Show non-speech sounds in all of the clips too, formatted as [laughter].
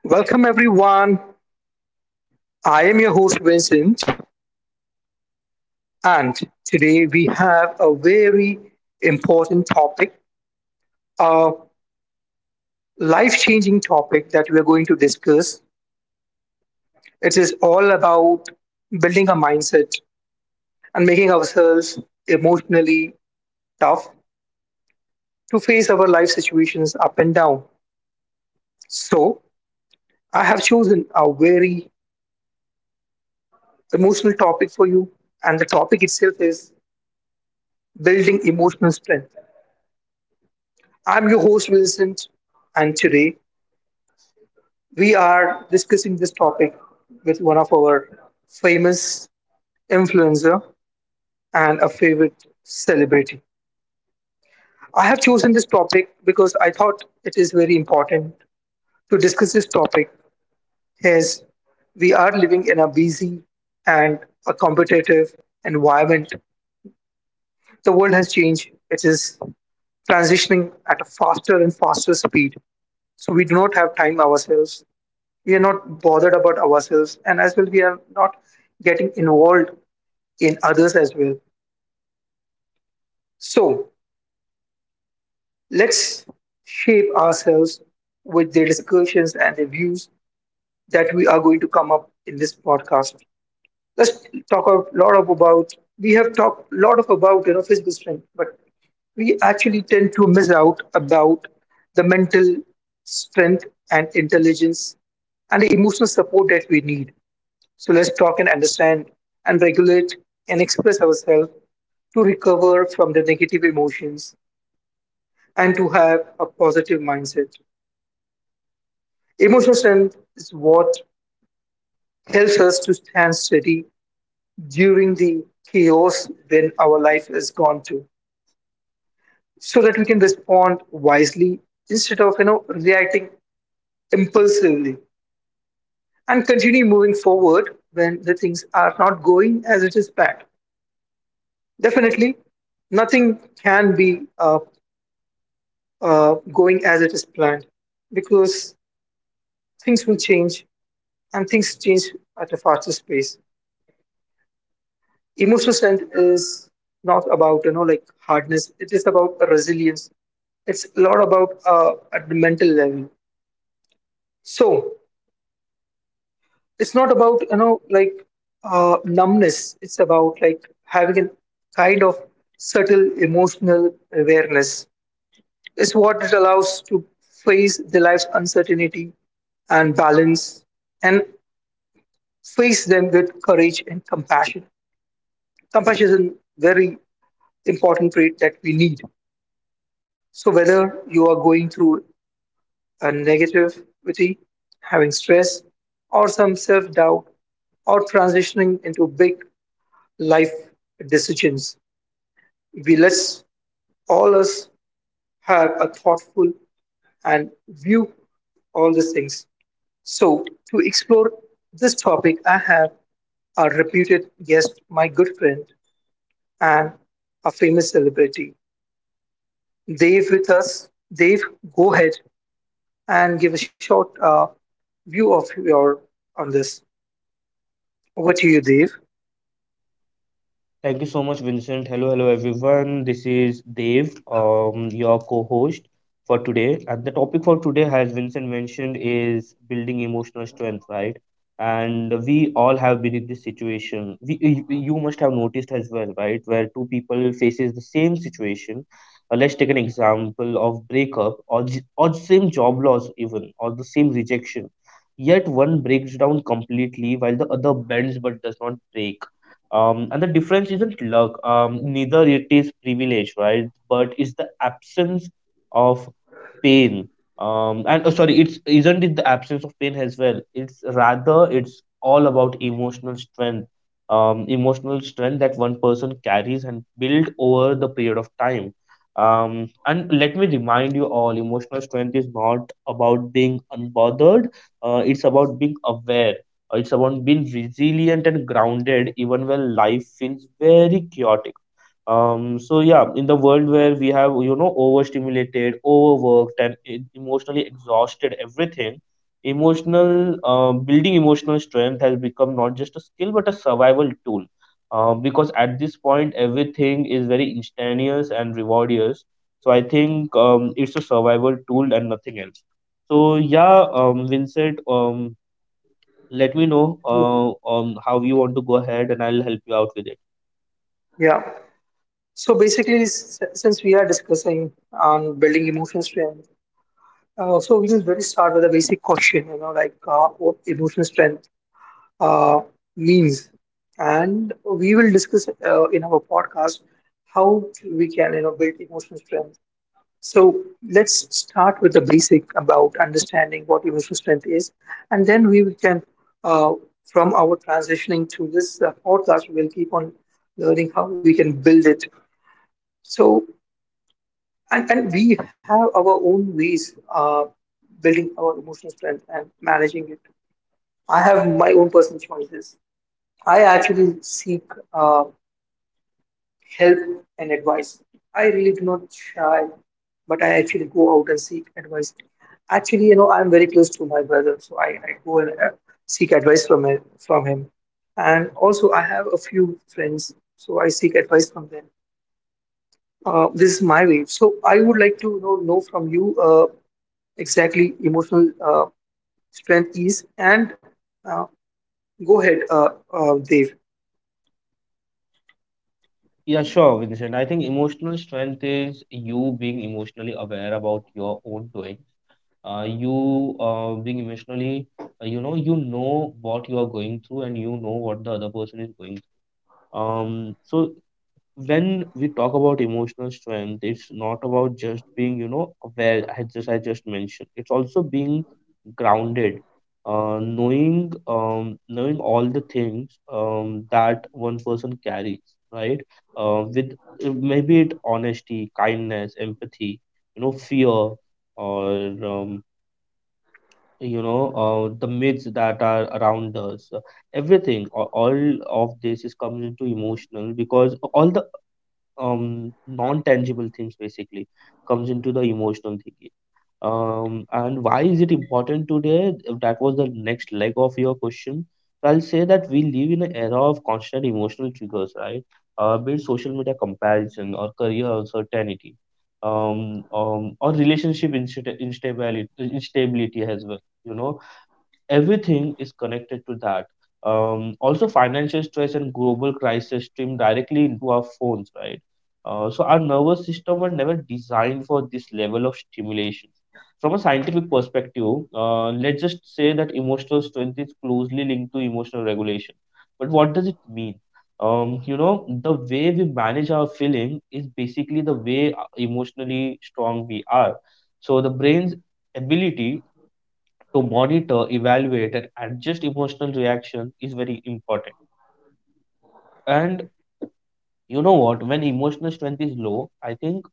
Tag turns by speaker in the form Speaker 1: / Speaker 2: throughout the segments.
Speaker 1: Welcome, everyone. I am your host, Vincent, and today we have a very important topic, a life changing topic that we are going to discuss. It is all about building a mindset and making ourselves emotionally tough to face our life situations up and down. So, I have chosen a very emotional topic for you, and the topic itself is building emotional strength. I'm your host, Vincent, and today we are discussing this topic with one of our famous influencer and a favorite celebrity. I have chosen this topic because I thought it is very important to discuss this topic as we are living in a busy and a competitive environment. The world has changed. It is transitioning at a faster and faster speed. So we do not have time ourselves, we are not bothered about ourselves, and as well we are not getting involved in others as well. So let's shape ourselves with the discussions and the views that we are going to come up in this podcast. Let's talk a lot of about, we have talked a lot of about physical strength, but we actually tend to miss out about the mental strength and intelligence and the emotional support that we need. So let's talk and understand and regulate and express ourselves to recover from the negative emotions and to have a positive mindset. Emotional strength is what helps us to stand steady during the chaos when our life has gone through, so that we can respond wisely instead of reacting impulsively and continue moving forward when the things are not going as it is planned. Definitely nothing can be going as it is planned because things will change and things change at a faster pace. Emotional strength is not about, you know, like hardness, it is about a resilience. It's a lot about at the mental level. So it's not about, you know, like numbness, it's about like having a kind of subtle emotional awareness. It's what it allows to face the life's uncertainty and balance, and face them with courage and compassion. Compassion is a very important trait that we need. So, whether you are going through a negativity, having stress, or some self doubt, or transitioning into big life decisions, we let's all us have a thoughtful and view all these things. So, to explore this topic, I have a reputed guest, my good friend, and a famous celebrity. Dave, with us. Dave, go ahead and give a short view of your on this. Over to you, Dave.
Speaker 2: Thank you so much, Vincent. Hello, hello, everyone. This is Dave, your co-host for today. And the topic for today, as Vincent mentioned, is building emotional strength, right? And we all have been in this situation. You must have noticed as well, right? Where two people faces the same situation. Let's take an example of breakup or same job loss even or the same rejection. Yet one breaks down completely while the other bends but does not break, and the difference isn't luck, neither it is privilege, right, but it's the absence of pain. And oh, sorry It's isn't it the absence of pain as well, it's rather it's all about emotional strength. Emotional strength that one person carries and build over the period of time. And let me remind you all, emotional strength is not about being unbothered. It's about being aware. It's about being resilient and grounded even when life feels very chaotic. So yeah, in the world where we have, you know, overstimulated, overworked, and emotionally exhausted everything, emotional building emotional strength has become not just a skill but a survival tool. Because at this point, everything is very instantaneous and rewardious. So I think it's a survival tool and nothing else. So yeah, Vincent. Let me know how you want to go ahead and I'll help you out with it.
Speaker 1: Yeah. So basically, since we are discussing on building emotional strength, so we will very start with a basic question. You know, like what emotional strength uh, means, and we will discuss in our podcast how we can build emotional strength. So let's start with the basic about understanding what emotional strength is, and then we can, uh, from our transitioning to this podcast, we'll keep on learning how we can build it. So, and we have our own ways building our emotional strength and managing it. I have my own personal choices. I actually seek uh, help and advice. I really do not shy, but I actually go out and seek advice. Actually, you know, I'm very close to my brother, so I go and seek advice from him, from him. And also, I have a few friends, so I seek advice from them. This is my way. So I would like to, you know from you exactly emotional strength is. And uh, go ahead, Dave.
Speaker 2: Yeah, sure, Vincent. I think emotional strength is you being emotionally aware about your own doing. You being emotionally, you know what you are going through and you know what the other person is going through. So when we talk about emotional strength, it's not about just being, you know, aware as just I just mentioned. It's also being grounded, knowing knowing all the things that one person carries, right, with maybe it honesty, kindness, empathy, you know, fear, or um, you know the myths that are around us. Everything, all of this is comes into emotional, because all the non-tangible things basically comes into the emotional thinking. And why is it important today? That was the next leg of your question. So I'll say that we live in an era of constant emotional triggers, right? Be it social media comparison or career uncertainty, or relationship instability, instability as well, you know, everything is connected to that. Also, financial stress and global crisis stream directly into our phones, right? So, our nervous system were never designed for this level of stimulation. From a scientific perspective, let's just say that emotional strength is closely linked to emotional regulation. But what does it mean? You know, the way we manage our feeling is basically the way emotionally strong we are. So, the brain's ability to monitor, evaluate, and adjust emotional reaction is very important. And you know what? When emotional strength is low, I think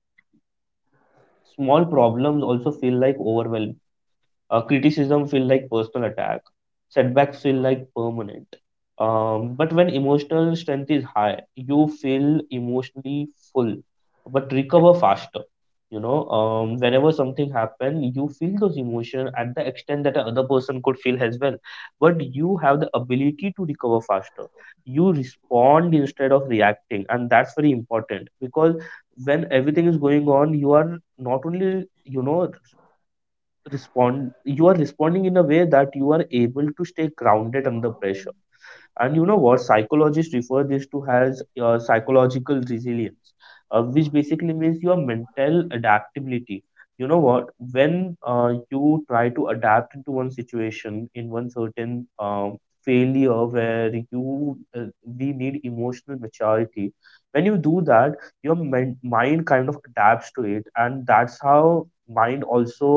Speaker 2: small problems also feel like overwhelming. Criticism feel like personal attack. Setbacks feel like permanent. But when emotional strength is high, you feel emotionally full, but recover faster. You know, whenever something happens, you feel those emotions at the extent that another person could feel as well. But you have the ability to recover faster. You respond instead of reacting, and that's very important because when everything is going on, you are not only, you know, respond, you are responding in a way that you are able to stay grounded under pressure. And you know what? Psychologists refer this to as psychological resilience, which basically means your mental adaptability. You know what? When you try to adapt into one situation, in one certain failure where you we need emotional maturity, when you do that, your mind kind of adapts to it, and that's how mind also,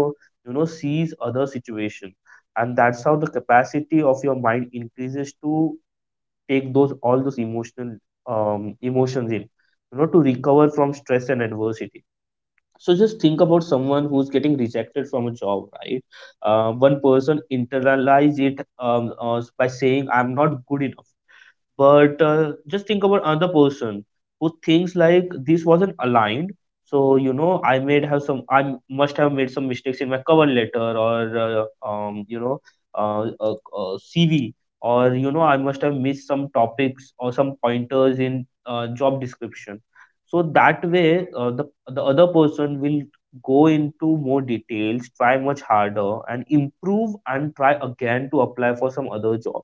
Speaker 2: you know, sees other situation, and that's how the capacity of your mind increases to take those, all those emotional, emotions in, you know, to recover from stress and adversity. So just think about someone who's getting rejected from a job, right? One person internalize it, by saying I'm not good enough. But just think about another person who thinks like this wasn't aligned. So you know, I made have some. I must have made some mistakes in my cover letter or CV, or you know, I must have missed some topics or some pointers in job description. So that way, the other person will go into more details, try much harder, and improve and try again to apply for some other job.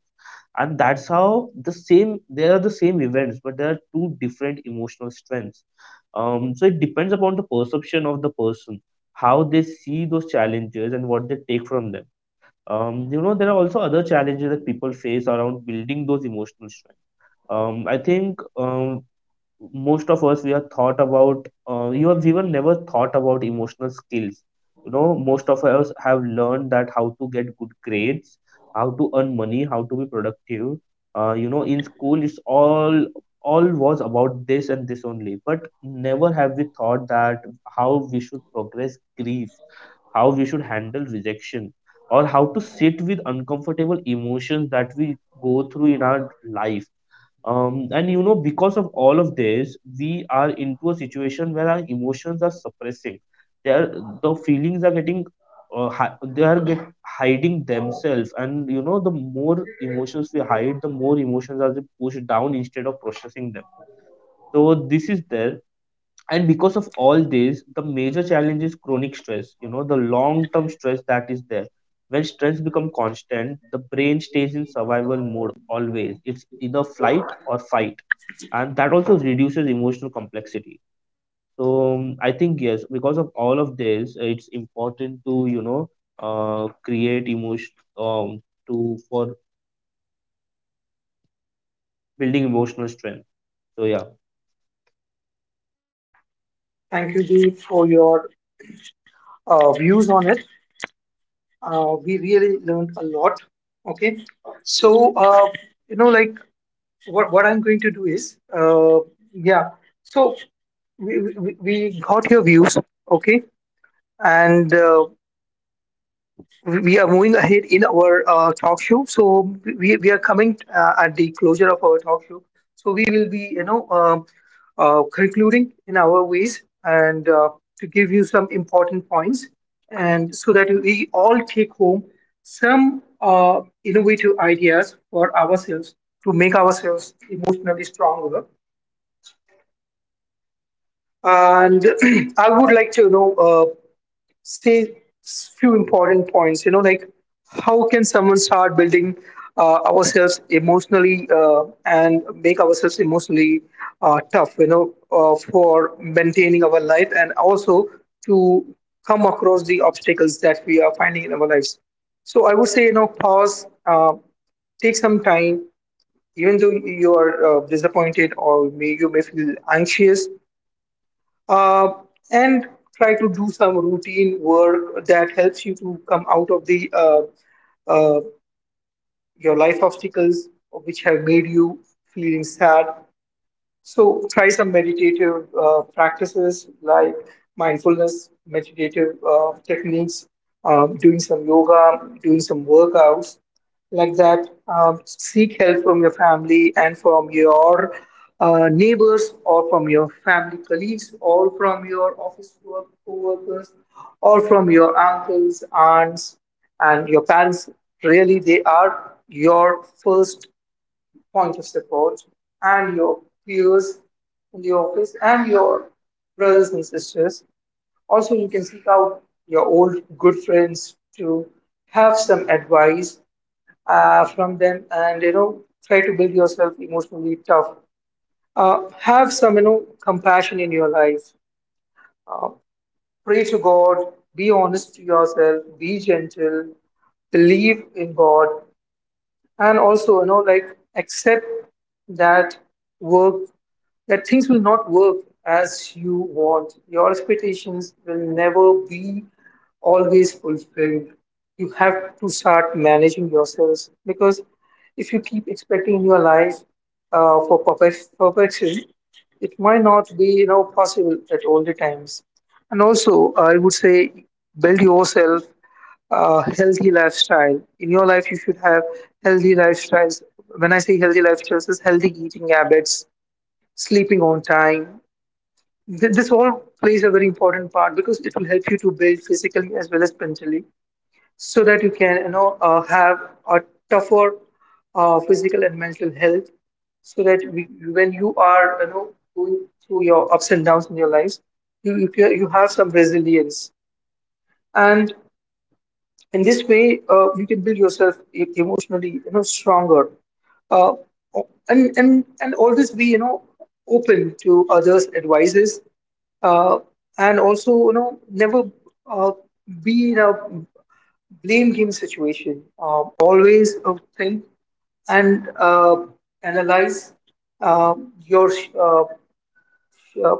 Speaker 2: And that's how there are the same events but there are two different emotional strengths. So it depends upon the perception of the person, how they see those challenges and what they take from them. Um, you know, there are also other challenges that people face around building those emotional strength. I think most of us, we have thought about, you have even never thought about emotional skills. You know, most of us have learned that how to get good grades, how to earn money, how to be productive. You know, in school, it's all was about this and this only, but never have we thought that how we should progress grief, how we should handle rejection, or how to sit with uncomfortable emotions that we go through in our life. And you know, because of all of this, we are into a situation where our emotions are suppressing, they are, the feelings are getting, hi- they are get hiding themselves, and you know, the more emotions we hide, the more emotions are pushed down instead of processing them. So this is there. And because of all this, the major challenge is chronic stress, you know, the long term stress that is there. When stress becomes constant, the brain stays in survival mode always, it's either flight or fight. And that also reduces emotional complexity. So I think yes, because of all of this, it's important to, you know, create emotion, to for building emotional strength. So yeah.
Speaker 1: Thank you, Dave, for your views on it. We really learned a lot. Okay. So you know, like what I'm going to do is yeah, so we got your views. Okay. And we are moving ahead in our talk show. So we are coming at the closure of our talk show. So we will be, you know, concluding in our ways and, to give you some important points, and so that we all take home some innovative ideas for ourselves to make ourselves emotionally stronger. And [clears throat] I would like to, you know, say few important points, you know, like how can someone start building ourselves emotionally and make ourselves emotionally tough, you know, for maintaining our life and also to come across the obstacles that we are finding in our lives. So I would say, you know, pause, take some time even though you are disappointed or may, you may feel anxious, uh, and try to do some routine work that helps you to come out of the uh, your life obstacles which have made you feeling sad. So try some meditative practices like mindfulness, meditative techniques, doing some yoga, doing some workouts like that. Seek help from your family and from your neighbors, or from your family colleagues, or from your office work co-workers, or from your uncles, aunts, and your parents. Really, they are your first point of support and your peers in the office and your brothers and sisters. Also, you can seek out your old good friends to have some advice from them, and, you know, try to build yourself emotionally tough. Have some, you know, compassion in your life. Uh, pray to God. Be honest to yourself. Be gentle. Believe in God, and also, you know, like accept that work that things will not work as you want. Your expectations will never be always fulfilled. You have to start managing yourselves, because if you keep expecting your life for perfection, it might not be, you know, possible at all the times. And also I would say, build yourself healthy lifestyle. In your life, you should have healthy lifestyles. When I say healthy lifestyles, is healthy eating habits, sleeping on time. This all plays a very important part because it will help you to build physically as well as mentally, so that you can, you know, have a tougher physical and mental health. So that when you are, you know, going through your ups and downs in your lives, you have some resilience. And in this way you can build yourself emotionally, you know, stronger, uh, and always be, you know, open to others advices. uh, and also, you know, never uh, be in a blame game situation. Always think and analyze uh, your uh, uh,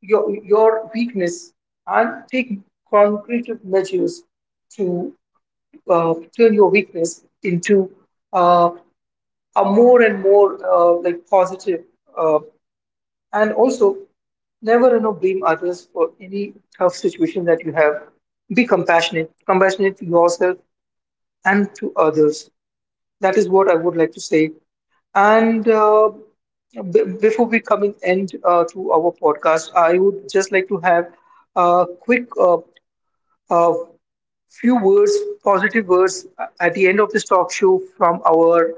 Speaker 1: your your weakness, and take concrete measures to turn your weakness into uh, a more and more, like, positive, uh, and also never, you know, blame others for any tough situation that you have. Be compassionate to yourself and to others. That is what I would like to say. And before we come in end to our podcast, I would just like to have a quick uh, few words, positive words, at the end of this talk show from our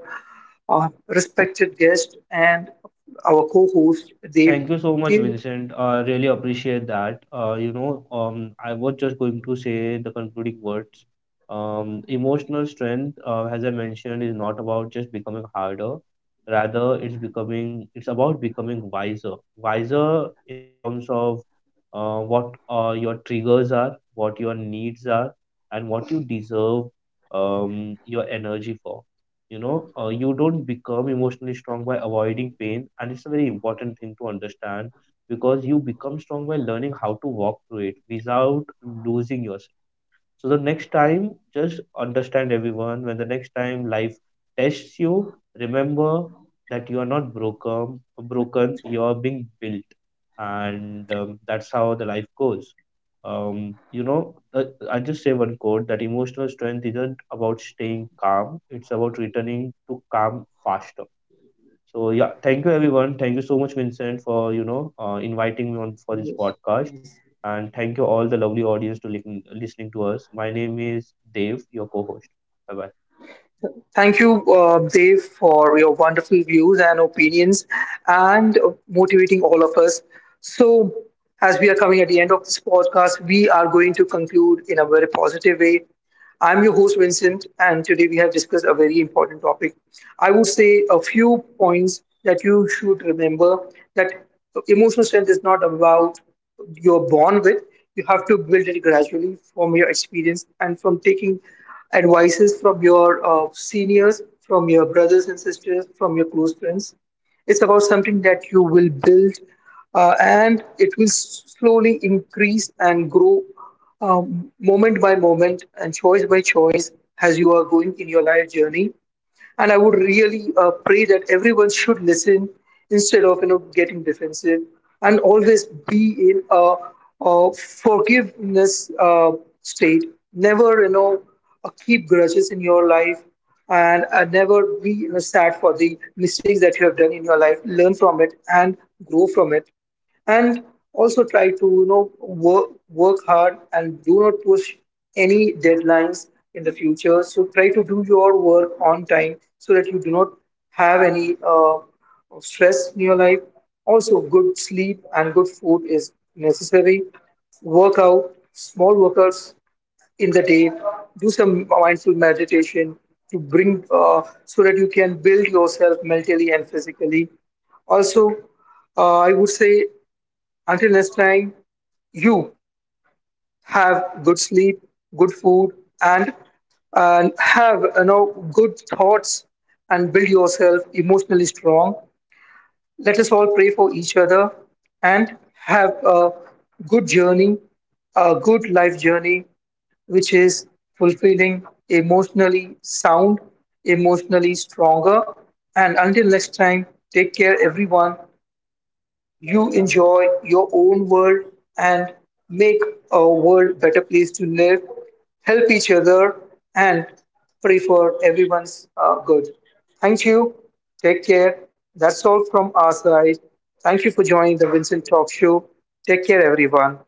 Speaker 1: respected guest and our co-host Dave.
Speaker 2: Thank you so much,
Speaker 1: Dave,
Speaker 2: Vincent. I really appreciate that. I was just going to say the concluding words. Emotional strength, as I mentioned, is not about just becoming harder. Rather, it's becoming. It's about becoming wiser. Wiser in the terms of what your triggers are, what your needs are, and what you deserve, your energy for, you know, you don't become emotionally strong by avoiding pain, and it's a very important thing to understand, because you become strong by learning how to walk through it without losing yourself. So the next time, just understand everyone. When the next time life tests you, remember that you are not broken. Broken, you are being built, and that's how the life goes. Um, you know, uh, I just say one quote that emotional strength isn't about staying calm. It's about returning to calm faster. So yeah, thank you everyone. Thank you so much, Vincent, for, you know, inviting me on for this podcast, and thank you all the lovely audience to listening to us. My name is Dave, your co-host. Bye bye.
Speaker 1: thank you, Dave, for your wonderful views and opinions and motivating all of us. So, as we are coming at the end of this podcast, we are going to conclude in a very positive way. I'm your host, Vincent, and today we have discussed a very important topic. I would say a few points that you should remember, that emotional strength is not about you're born with. You have to build it gradually from your experience and from taking advices from your seniors, from your brothers and sisters, from your close friends. It's about something that you will build and it will slowly increase and grow, moment by moment and choice by choice as you are going in your life journey. And I would really pray that everyone should listen instead of, you know, getting defensive, and always be in a forgiveness state. Never, you know, keep grudges in your life, and never be, you know, sad for the mistakes that you have done in your life. Learn from it and grow from it. And also try to, you know, work hard and do not push any deadlines in the future. So try to do your work on time so that you do not have any stress in your life. Also, good sleep and good food is necessary. Work out small workouts in the day, do some mindful meditation to bring, so that you can build yourself mentally and physically. Also, I would say, until next time, you have good sleep, good food, and have, you know, good thoughts and build yourself emotionally strong. Let us all pray for each other and have a good journey, a good life journey, which is fulfilling, emotionally sound, emotionally stronger. And until next time, take care, everyone. You enjoy your own world and make our world better place to live, help each other, and pray for everyone's good. Thank you. Take care. That's all from our side. Thank you for joining the Vincent talk show. Take care, everyone.